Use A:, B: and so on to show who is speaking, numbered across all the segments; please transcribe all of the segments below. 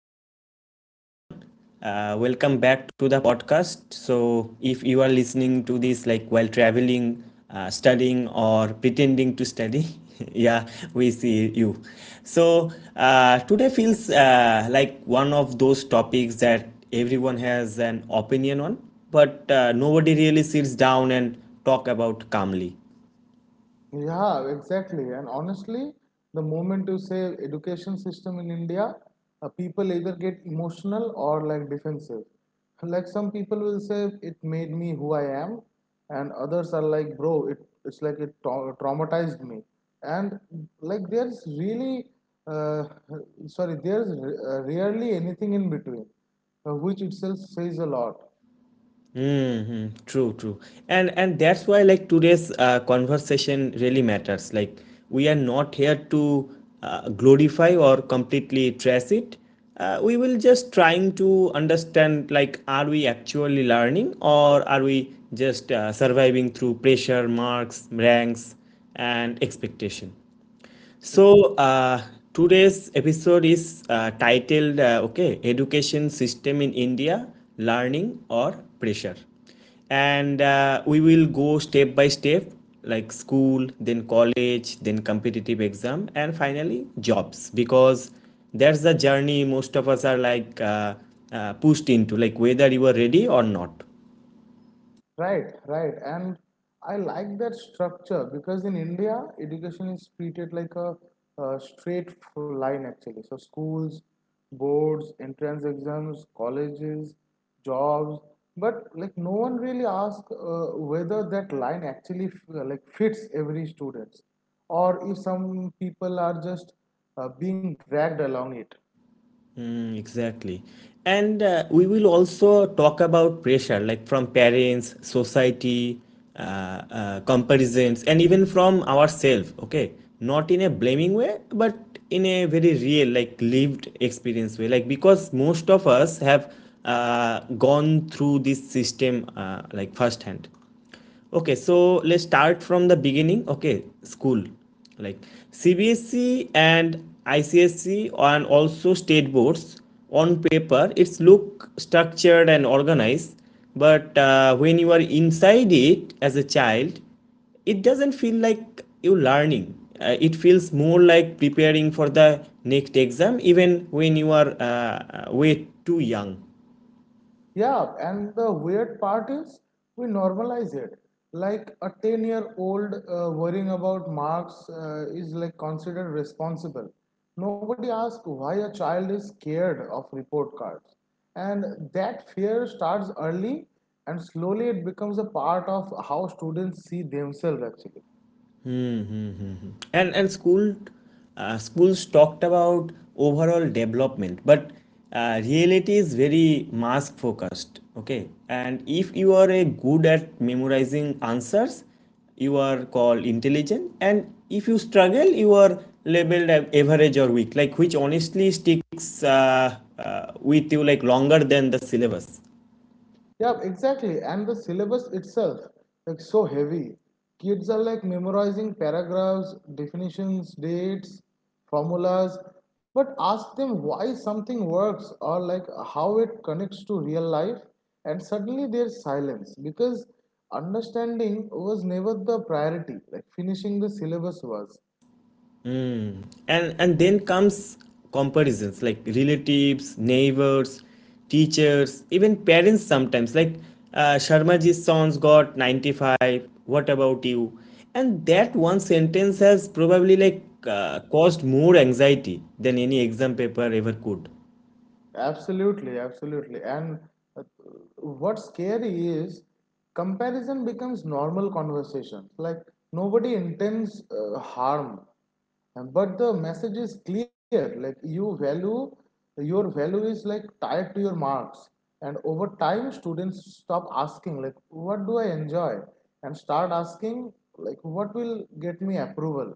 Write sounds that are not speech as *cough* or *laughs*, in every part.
A: So, hello everyone. Welcome back to the podcast. So, if you are listening to this like while traveling, studying, or pretending to study, *laughs* yeah, we see you. So, today feels like one of those topics that everyone has an opinion on, but nobody really sits down and talk about calmly.
B: Yeah, exactly. And honestly, the moment you say education system in India, people either get emotional or like defensive. *laughs* Like some people will say it made me who I am, and others are like, bro, it's like it traumatized me. And like there's really, uh, rarely anything in between, which itself says a lot.
A: Hmm. True, true. And that's why like today's conversation really matters. Like we are not here to glorify or completely trash it. We will just trying to understand like are we actually learning or are we just surviving through pressure, marks, ranks, and expectation. So, today's episode is titled okay, Education System in India, Learning or Pressure. And we will go step by step like school, then college, then competitive exam, and finally jobs because that's the journey most of us are like pushed into, like whether you are ready or not.
B: Right, right. And I like that structure because in India, education is treated like a straight line actually. So, schools, boards, entrance exams, colleges, jobs, but like no one really asks whether that line actually like fits every students or if some people are just being dragged along it.
A: Mm, exactly. And we will also talk about pressure, like from parents, society, uh, comparisons, and even from ourselves, okay? Not in a blaming way, but in a very real, like lived experience way. Like, because most of us have uh, gone through this system, like firsthand. Okay, so let's start from the beginning. Okay, school. Like CBSE and ICSE and also state boards on paper, it's look structured and organized, but when you are inside it as a child, it doesn't feel like you learning. It feels more like preparing for the next exam, even when you are way too young.
B: Yeah, and the weird part is we normalize it. Like a 10-year-old worrying about marks is like considered responsible. Nobody asks why a child is scared of report cards. And that fear starts early and slowly it becomes a part of how students see themselves actually.
A: And schools talked about overall development, but reality is very mask focused, okay. And if you are a good at memorizing answers, you are called intelligent. And if you struggle, you are labeled average or weak, like which honestly sticks with you like longer than the syllabus.
B: Yeah, exactly. And the syllabus itself, like so heavy. Kids are like memorizing paragraphs, definitions, dates, formulas. But ask them why something works or like how it connects to real life, and suddenly there's silence because understanding was never the priority. Like finishing the syllabus was.
A: And then comes comparisons, like relatives, neighbors, teachers, even parents sometimes, like Sharmaji's son's got 95. What about you? And that one sentence has probably like caused more anxiety than any exam paper ever could.
B: Absolutely, absolutely. And uh, what's scary is comparison becomes normal conversation. Like nobody intends harm. But the message is clear. Like you value, your value is like tied to your marks. And over time, students stop asking like, "What do I enjoy?" and start asking like, "What will get me approval?"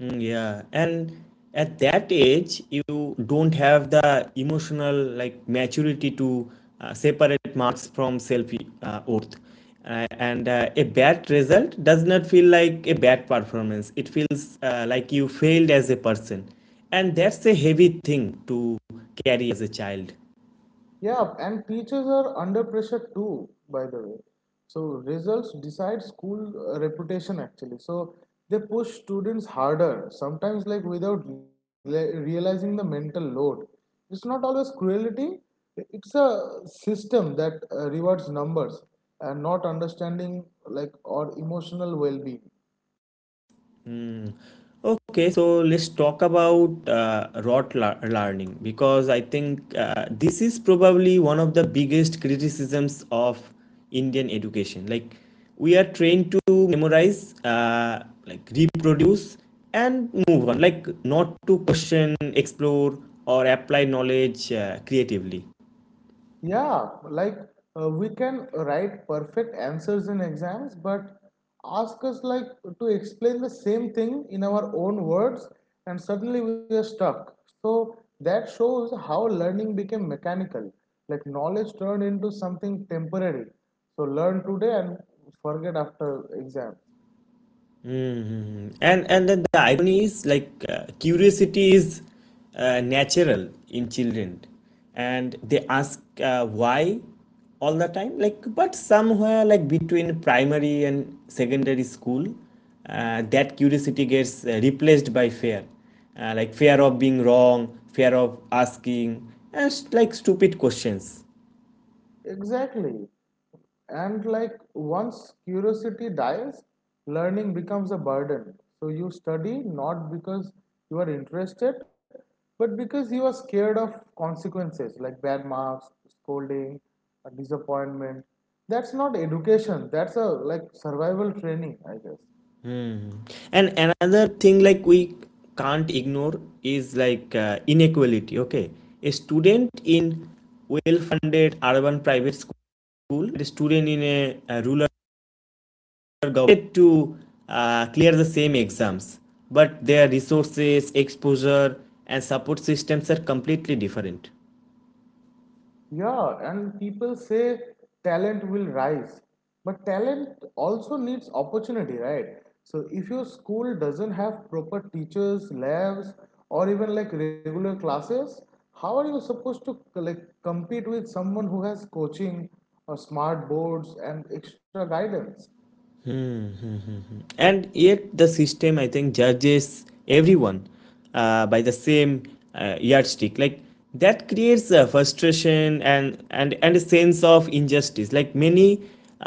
A: Mm. Yeah, and at that age, you don't have the emotional like maturity to separate marks from self worth. And a bad result does not feel like a bad performance. It feels like you failed as a person, and that's a heavy thing to carry as a child.
B: Yeah, and teachers are under pressure too, by the way. So results decide school reputation actually. So they push students harder, sometimes like without realizing the mental load. It's not always cruelty, it's a system that rewards numbers and not understanding like or emotional well-being.
A: Mm. Okay, so let's talk about rote learning, because I think this is probably one of the biggest criticisms of Indian education. Like we are trained to memorize, like reproduce, and move on. Like not to question, explore, or apply knowledge creatively.
B: Yeah, like we can write perfect answers in exams, but ask us like to explain the same thing in our own words, and suddenly we are stuck. So that shows how learning became mechanical, like knowledge turned into something temporary. So learn today and forget after exams.
A: Hmm. And then the irony is like curiosity is natural in children, and they ask why all the time. Like, but somewhere like between primary and secondary school, that curiosity gets replaced by fear, like fear of being wrong, fear of asking, and like stupid questions.
B: Exactly. And like once curiosity dies, learning becomes a burden. So you study not because you are interested, but because you are scared of consequences like bad marks, scolding, disappointment. That's not education. That's a like survival training, I guess.
A: Hmm. And another thing like we can't ignore is like inequality. Okay, a student in well-funded urban private school, a student in a rural government to clear the same exams, but their resources, exposure, and support systems are completely different.
B: Yeah, and people say talent will rise, but talent also needs opportunity, right? So if your school doesn't have proper teachers, labs, or even like regular classes, how are you supposed to like compete with someone who has coaching or smart boards and extra guidance?
A: And yet the system, I think, judges everyone by the same yardstick, like that creates a frustration and a sense of injustice, like many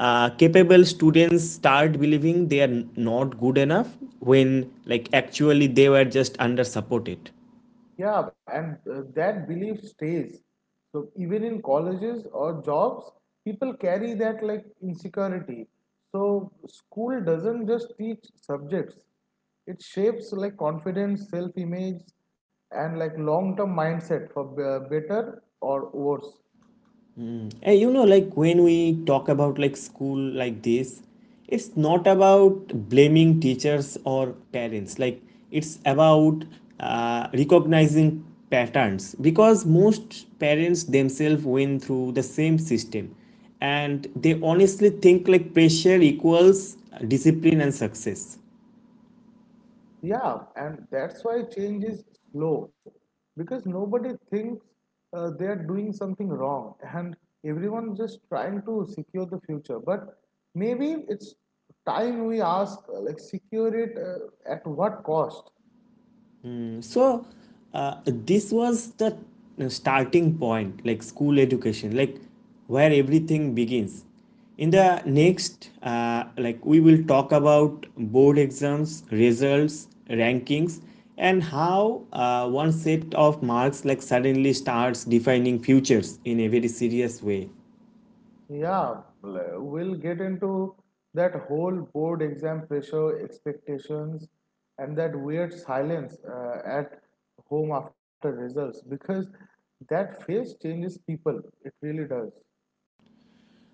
A: capable students start believing they are not good enough when like actually they were just under supported.
B: Yeah, and that belief stays. So even in colleges or jobs, people carry that like insecurity. So school doesn't just teach subjects; it shapes like confidence, self-image, and like long-term mindset for better or worse.
A: And you know, like when we talk about like school like this, it's not about blaming teachers or parents. Like it's about recognizing patterns, because most parents themselves went through the same system, and they honestly think like pressure equals discipline and success.
B: Yeah, and that's why change is slow because nobody thinks they are doing something wrong, and everyone's just trying to secure the future. But maybe it's time we ask, secure it at what cost?
A: So this was the starting point, like school education, like where everything begins. In the next, like, we will talk about board exams, results, rankings, and how one set of marks like suddenly starts defining futures in a very serious way.
B: Yeah, we'll get into that whole board exam, pressure, expectations, and that weird silence at home after results because that phase changes people. It really does.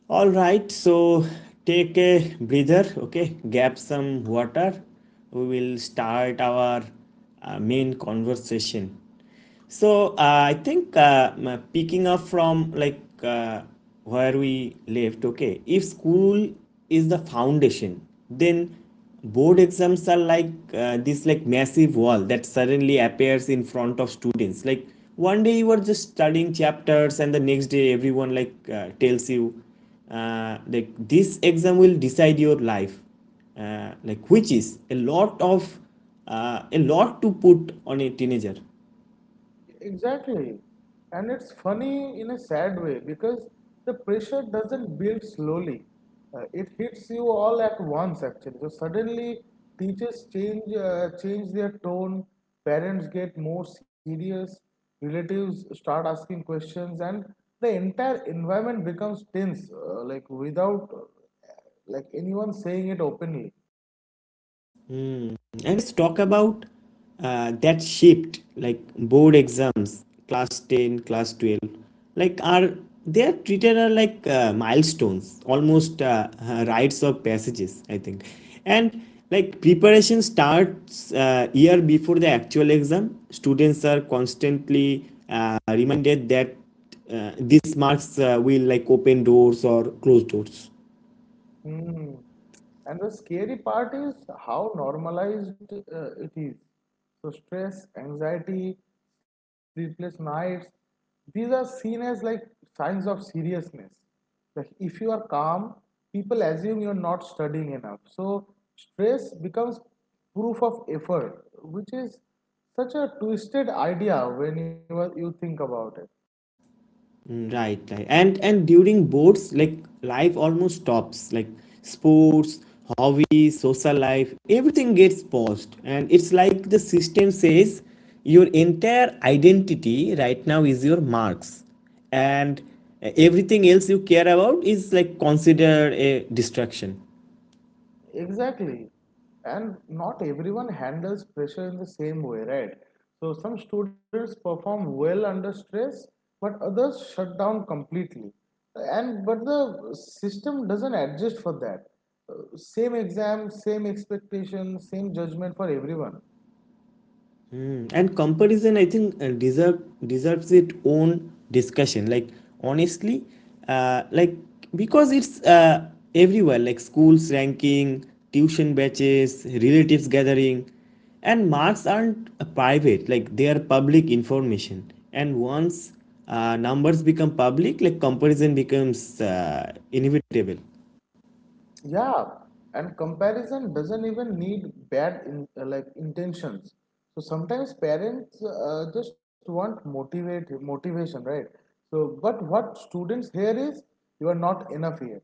A: All right, so take a breather, okay? Grab some water. We will start our main conversation. So I think picking up from like where we left, okay, if school is the foundation, then board exams are like this like massive wall that suddenly appears in front of students. Like one day you are just studying chapters, and the next day everyone like tells you, like, this exam will decide your life, like, which is a lot to put on a teenager.
B: Exactly. And it's funny in a sad way because the pressure doesn't build slowly. It hits you all at once actually. So suddenly teachers change their tone, parents get more serious, relatives start asking questions, and the entire environment becomes tense without like anyone saying it openly.
A: And let's talk about that shift, like board exams, class 10, class 12. Like, are they are treated are like milestones, almost rites of passages, I think. And like preparation starts year before the actual exam. Students are constantly reminded that these marks will like open doors or close doors.
B: Hmm. And the scary part is how normalized it is. So, stress, anxiety, sleepless nights, these are seen as like signs of seriousness. Like, if you are calm, people assume you're not studying enough. So, stress becomes proof of effort, which is such a twisted idea when you think about it.
A: Mm. Right, right. And during boards, like life almost stops. Like sports, hobbies, social life, everything gets paused. And it's like the system says your entire identity right now is your marks. And everything else you care about is like considered a distraction.
B: Exactly. And not everyone handles pressure in the same way, right? So some students perform well under stress, but others shut down completely. And but the system doesn't adjust for that. Same exam, same expectation, same judgment for everyone.
A: And comparison, I think, deserves its own discussion, like honestly, like because it's everywhere, like schools ranking, tuition batches, relatives gathering. And marks aren't private, like they are public information. And once numbers become public, like comparison becomes inevitable.
B: Yeah, and comparison doesn't even need bad in, like intentions. So sometimes parents just want motivate motivation, right? So, but what students hear is you are not enough yet,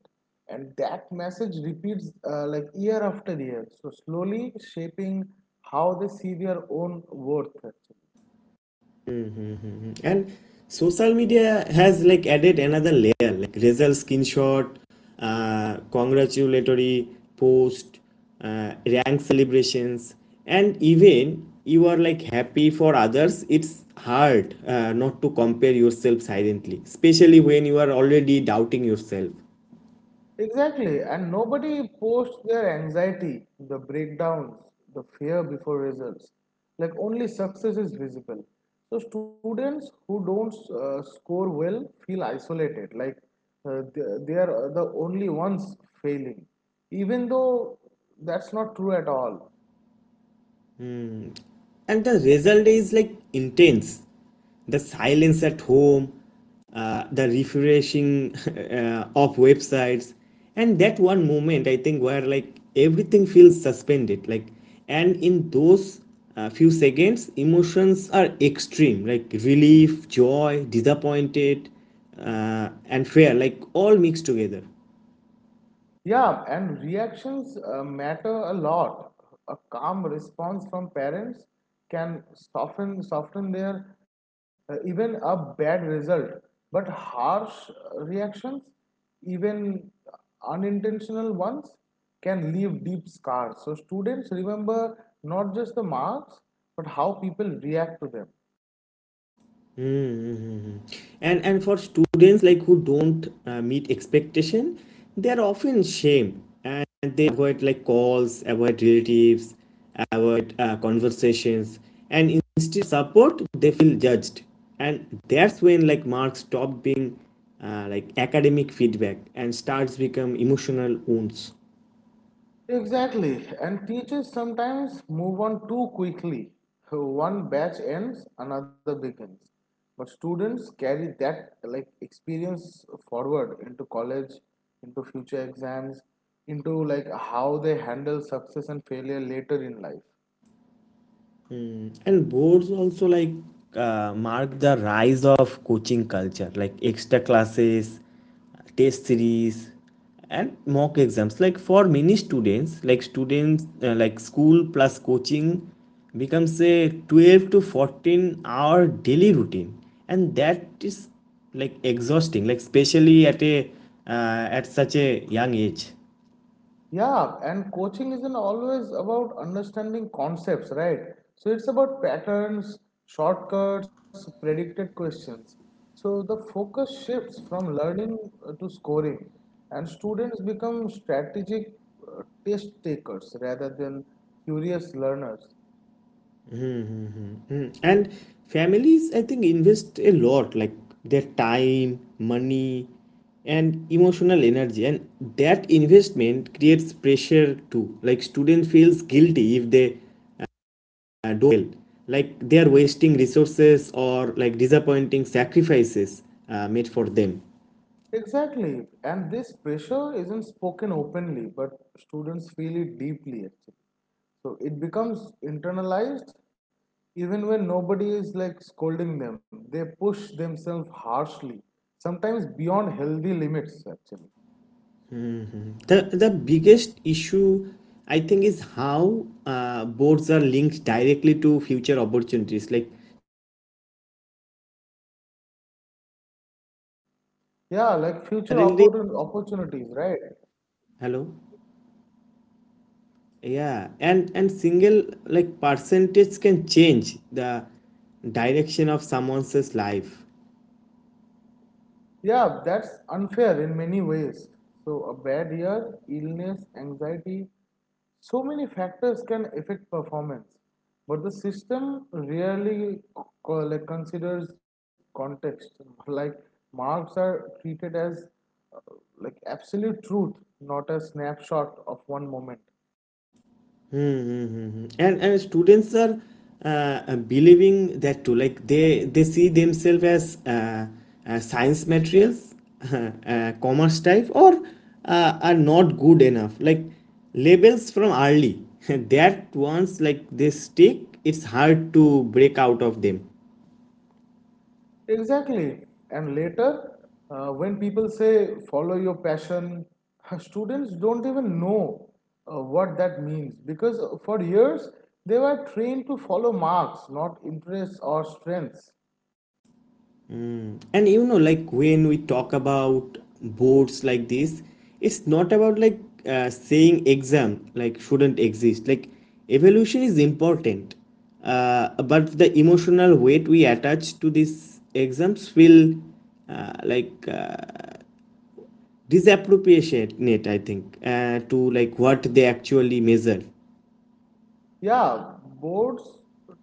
B: and that message repeats like year after year. So slowly shaping how they see their own worth actually.
A: Mhm. And social media has like added another layer, like result screenshot, congratulatory post, rank celebrations, and even you are like happy for others. It's hard not to compare yourself silently, especially when you are already doubting yourself.
B: Exactly, and nobody posts their anxiety, the breakdowns, the fear before results. Like only success is visible. So students who don't score well feel isolated, like uh, they, they are the only ones failing, even though that's not true at all.
A: And the result is like intense, the silence at home, the refreshing *laughs* of websites. And that one moment, I think, where like everything feels suspended. Like, and in those few seconds emotions are extreme, like relief, joy, disappointed, and fear like all mixed together.
B: Yeah, and reactions matter a lot. A calm response from parents can soften their even a bad result. But harsh reactions, even unintentional ones, can leave deep scars. So students remember not just the marks, but how people react to them.
A: Mm-hmm. And for students like who don't meet expectation, they are often shamed and they avoid like calls, avoid relatives, avoid conversations, and instead of support they feel judged. And that's when like marks stop being like academic feedback and starts become emotional wounds.
B: Exactly, and teachers sometimes move on too quickly. One batch ends, another begins. But students carry that like experience forward into college, into future exams, into like how they handle success and failure later in life.
A: And boards also like mark the rise of coaching culture, like extra classes, test series, and mock exams. Like for many students, like school plus coaching becomes a 12 to 14 hour daily routine, and that is like exhausting, like especially at such a young age.
B: Yeah, and coaching isn't always about understanding concepts, right? So it's about patterns, shortcuts, predicted questions. So the focus shifts from learning to scoring, and students become strategic test takers rather than curious learners.
A: And families, I think, invest a lot, like their time, money, and emotional energy. And that investment creates pressure too. Like student feels guilty if they do well, like they are wasting resources or like disappointing sacrifices made for them.
B: Exactly. And this pressure isn't spoken openly, but students feel it deeply actually. So it becomes internalized even when nobody is like scolding them. They push themselves harshly, sometimes beyond healthy limits actually.
A: The biggest issue, I think, is how boards are linked directly to future opportunities, like streams, colleges, entrance eligibility, and
B: Yeah,
A: one
B: like
A: exam
B: future
A: suddenly.
B: opportunities, right?
A: Hello. Yeah, and single like percentage can change the direction of someone's life.
B: Yeah, that's unfair in many ways. So, a bad year, illness, anxiety, so many factors can affect performance. But the system rarely like considers context. *laughs* Like marks are treated as uh, like absolute truth, not a snapshot of one moment.
A: Mm-hmm. And students are uh, believing that too. Like they see themselves as science materials, *laughs* commerce type, or are not good enough. Like labels from early. *laughs* That once like they stick, it's hard to break out of them.
B: Exactly. And later, when people say follow your passion, *laughs* students don't even know what that means because for years they were trained to follow marks, not interests or strengths.
A: And you know, like when we talk about boards like this, it's not about like saying exam like shouldn't exist, like evaluation is important, uh, but the emotional weight we attach to these exams will, like, disappropriate it, I think, to like what they actually measure.
B: Yeah, boards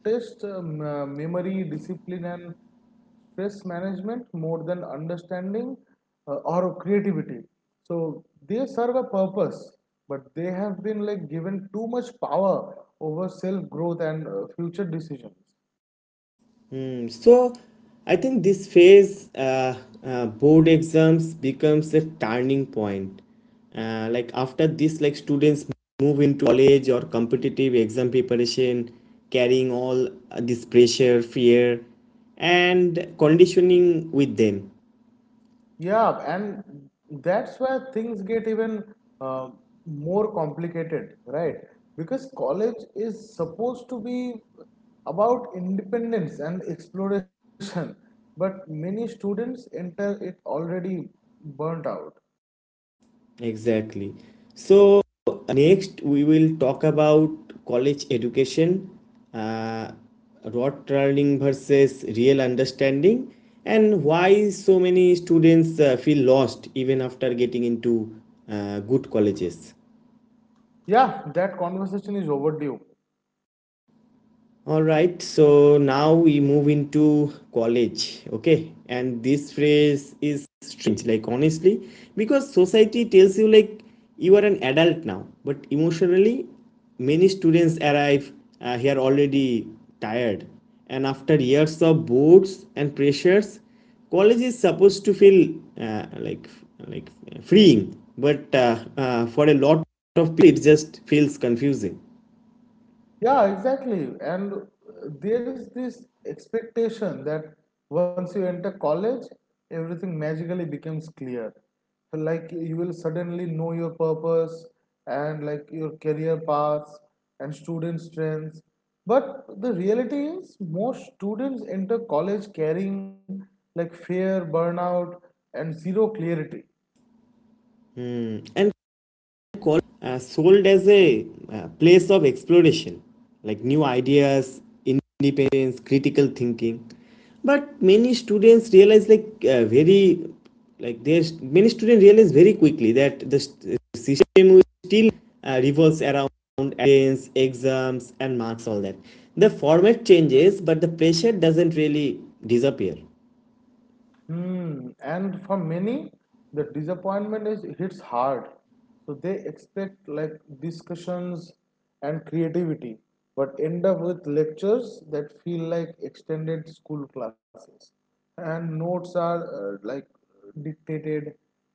B: test memory, discipline, and stress management more than understanding or creativity. So they serve a purpose, but they have been like given too much power over self growth and future decisions.
A: Hmm. So, I think this phase, board exams becomes a turning point. Like after this, like students move into college or competitive exam preparation, carrying all this pressure, fear, and conditioning with them.
B: Yeah, and that's where things get even uh, more complicated, right? Because college is supposed to be about independence and exploration, but many students enter it already burnt out.
A: Exactly. So, next we will talk about college education, uh, rote learning versus real understanding, and why so many students feel lost even after getting into good colleges.
B: Yeah, that conversation is overdue.
A: All right, so now we move into college, okay? And this phrase is strange, like honestly, because society tells you like you are an adult now, but emotionally, many students arrive here already tired. And after years of boards and pressures, college is supposed to feel like freeing, but for a lot of people, it just feels confusing.
B: Yeah, exactly. And there is this expectation that once you enter college, everything magically becomes clear. Like you will suddenly know your purpose and like your career paths and student strengths. But the reality is, most students enter college carrying like fear, burnout, and zero clarity.
A: Hmm. And call sold as a place of exploration, like new ideas, independence, critical thinking. But many students realize like very like there's many students realize very quickly that the system still revolves around attendance, exams, and marks all that. The format changes, but the pressure doesn't really disappear.
B: Hmm. And for many, the disappointment is hits hard. So they expect like discussions and creativity, but end up with lectures that feel like extended school classes. And notes are like dictated,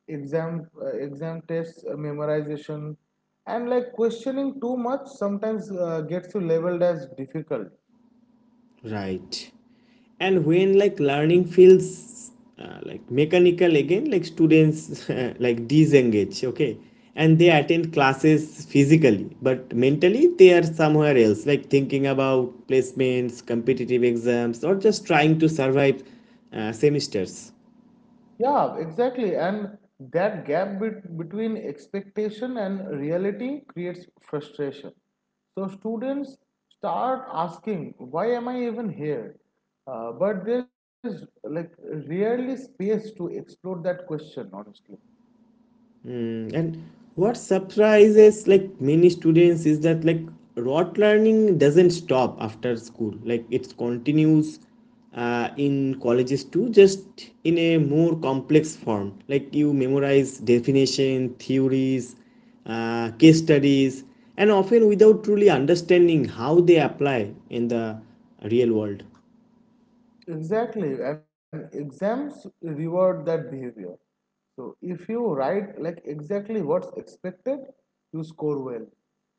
B: exam tests, memorization, and like questioning too much sometimes gets you labeled as difficult.
A: Right. And when like learning feels like mechanical again, like students *laughs* like disengage, okay? And they attend classes physically, but mentally they are somewhere else, like thinking about placements, competitive exams, or just trying to survive semesters.
B: Yeah, exactly. And that gap between expectation and reality creates frustration. So students start asking, why am I even here? But there's like rarely space to explore that question, honestly.
A: Mm. And what surprises like many students is that like rote learning doesn't stop after school. Like it continues in colleges too, just in a more complex form. Like you memorize definition, theories, case studies, and often without truly understanding how they apply in the real world.
B: Exactly, and exams reward that behavior. So if you write like exactly what's expected, you score well.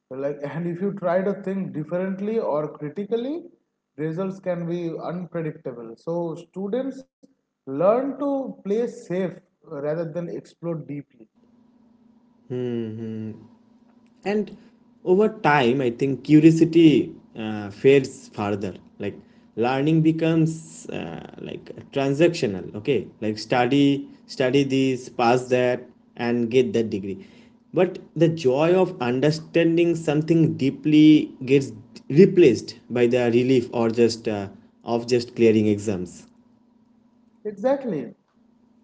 B: So, like *laughs* and if you try to think differently or critically, results can be unpredictable. So students learn to play safe rather than explore deeply.
A: Hmm, hmm. And over time, I think, curiosity fades further, like learning becomes like transactional, okay, like study this, pass that, and get that degree. But the joy of understanding something deeply gets replaced by the relief, or just, of just clearing exams.
B: Exactly.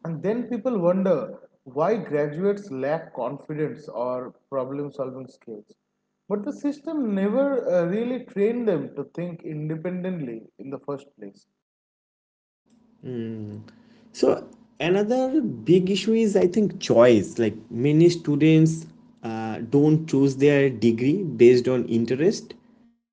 B: And then people wonder why graduates lack confidence or problem solving skills. But the system never really trained them to think independently in the first place.
A: So another big issue is, I think, choice. Like many students don't choose their degree based on interest.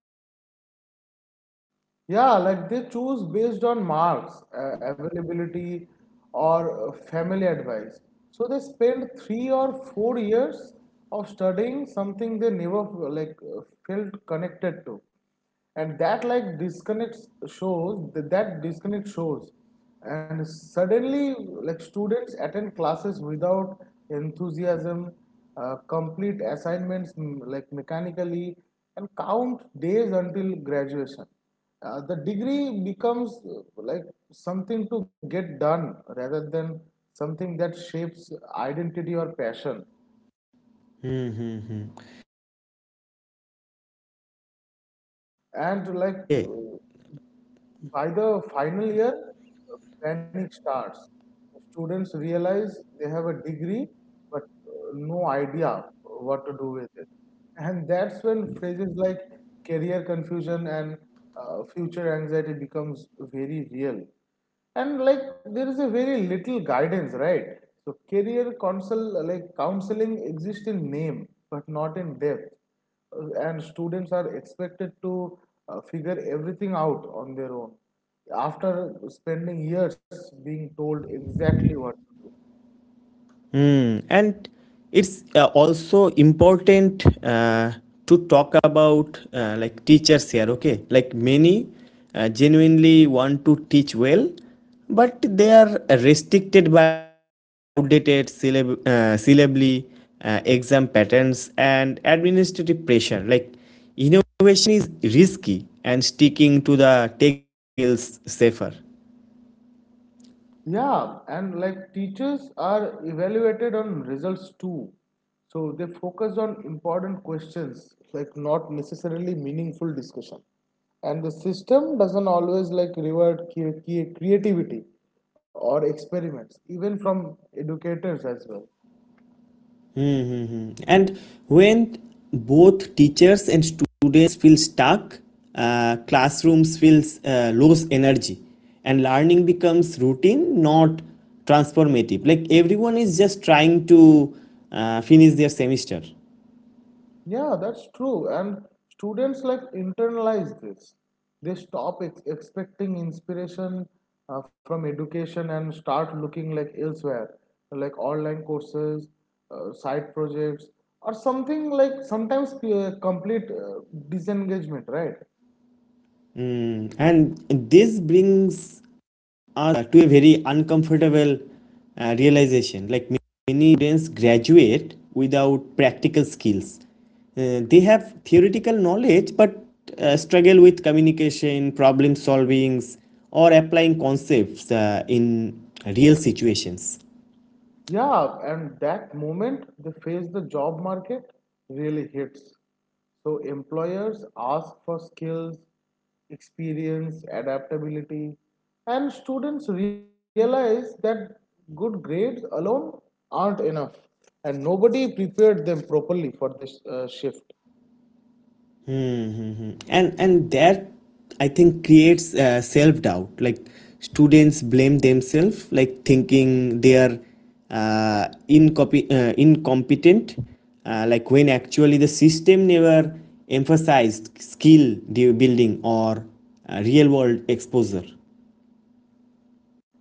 A: They choose based on marks,
B: Yeah, like they choose
A: avail-
B: based on marks,
A: availability.
B: availability, or family advice. So they spend 3 or 4 years of studying something they never felt connected to, and that like disconnects shows that, that disconnect shows, and suddenly like students attend classes without enthusiasm, complete assignments like mechanically, and count days until graduation. The degree becomes like something to get done rather than something that shapes identity or passion.
A: Hmm, hmm, hmm. And by the final year, like panic
B: And
A: starts,
B: like
A: okay.
B: by the final year panic starts, students realize they have a degree but no idea what to do with it. And that's when phrases like career confusion and future anxiety becomes very real. And like there is a very little guidance, right? So career counsel like counseling exists in name but not in depth. And students are expected to figure everything out on their own after spending years being told exactly what to do.
A: Mm. And it's also important to talk about like teachers here, okay? Like many genuinely want to teach well, but they are restricted by to outdated syllably exam patterns and administrative pressure. Like innovation is risky, and sticking to the textbook feels safer.
B: Yeah, and like teachers are evaluated on results too. So they focus on important questions, like not necessarily meaningful discussion. And the system doesn't always like reward creativity or experiments, even from educators as well.
A: Mm-hmm. And when both teachers and students feel stuck, classrooms feels lose energy, and learning becomes routine, not transformative. Like everyone is just trying to finish their semester.
B: Yeah, that's true. And students like internalize this. They stop expecting inspiration from education and start looking like elsewhere, like online courses, side projects, or something like sometimes complete disengagement, right?
A: Mm. And this brings us to a very uncomfortable realization. Like many students graduate without practical skills. They have theoretical knowledge but struggle with communication, problem solvings, or applying concepts in real situations.
B: Yeah, and that moment they face the job market really hits. So employers ask for skills, experience, adaptability, and students realize that good grades alone aren't enough, and nobody prepared them properly for this shift.
A: Mm-hmm. And that, I think, creates self-doubt. Like students blame themselves, like thinking they are incompetent, like when actually the system never emphasized skill building or real-world exposure.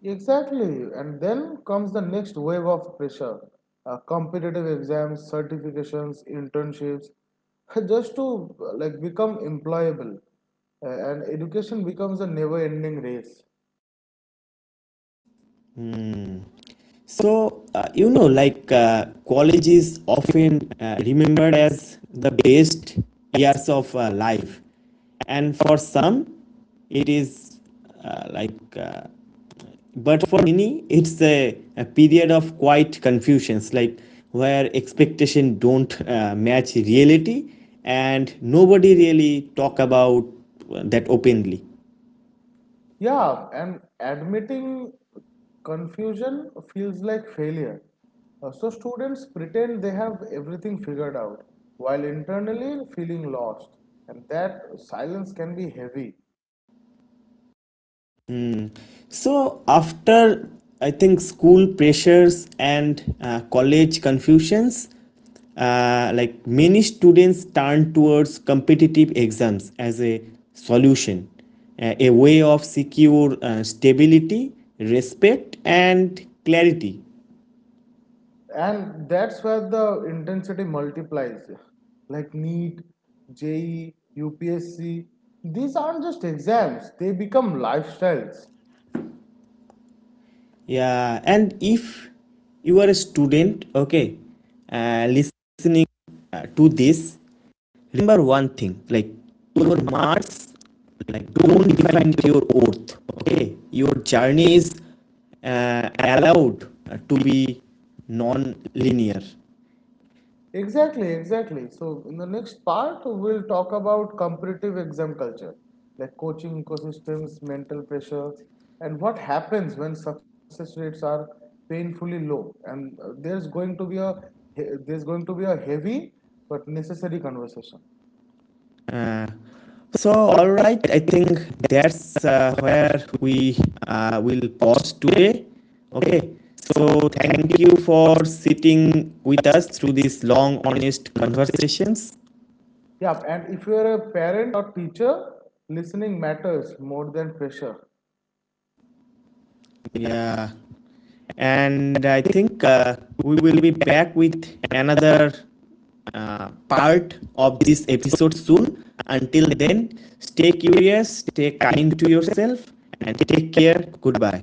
B: Exactly, and then comes the next wave of pressure, competitive exams, certifications, internships, *laughs* just to like become employable. And education becomes a never ending race.
A: So, you know, like college is often remembered as the best years of life. And for some, it is, like, but for many, it's a period of quiet confusions, like where expectation don't match reality and nobody really talk about that openly.
B: Yeah, and admitting confusion feels like failure. So students pretend they have everything figured out while internally feeling lost, and that silence can be heavy.
A: So, after, I think, school pressures and college confusions, like many students turn towards competitive exams as a solution, a way of secure stability, respect, and clarity.
B: And that's where the intensity multiplies, like NEET, JEE, UPSC, these aren't just exams, they become lifestyles.
A: Yeah, and if you are a student, okay, listening to this, remember one thing, like your marks like don't define your oath, okay, your journey is allowed to be non-linear.
B: Exactly, exactly. So in the next part we'll talk about competitive exam culture like coaching ecosystems, mental pressure, and what happens when success rates are painfully low. And there's going to be a heavy but necessary conversation.
A: Uh, so all right, I think that's where we will pause today, okay, so thank you for sitting with us through these long honest conversations.
B: Yeah, and if you are a parent or teacher, listening matters more than pressure.
A: Yeah. And I think we will be back with another part of this episode soon. Until then, stay curious, stay kind to yourself, and take care. Goodbye.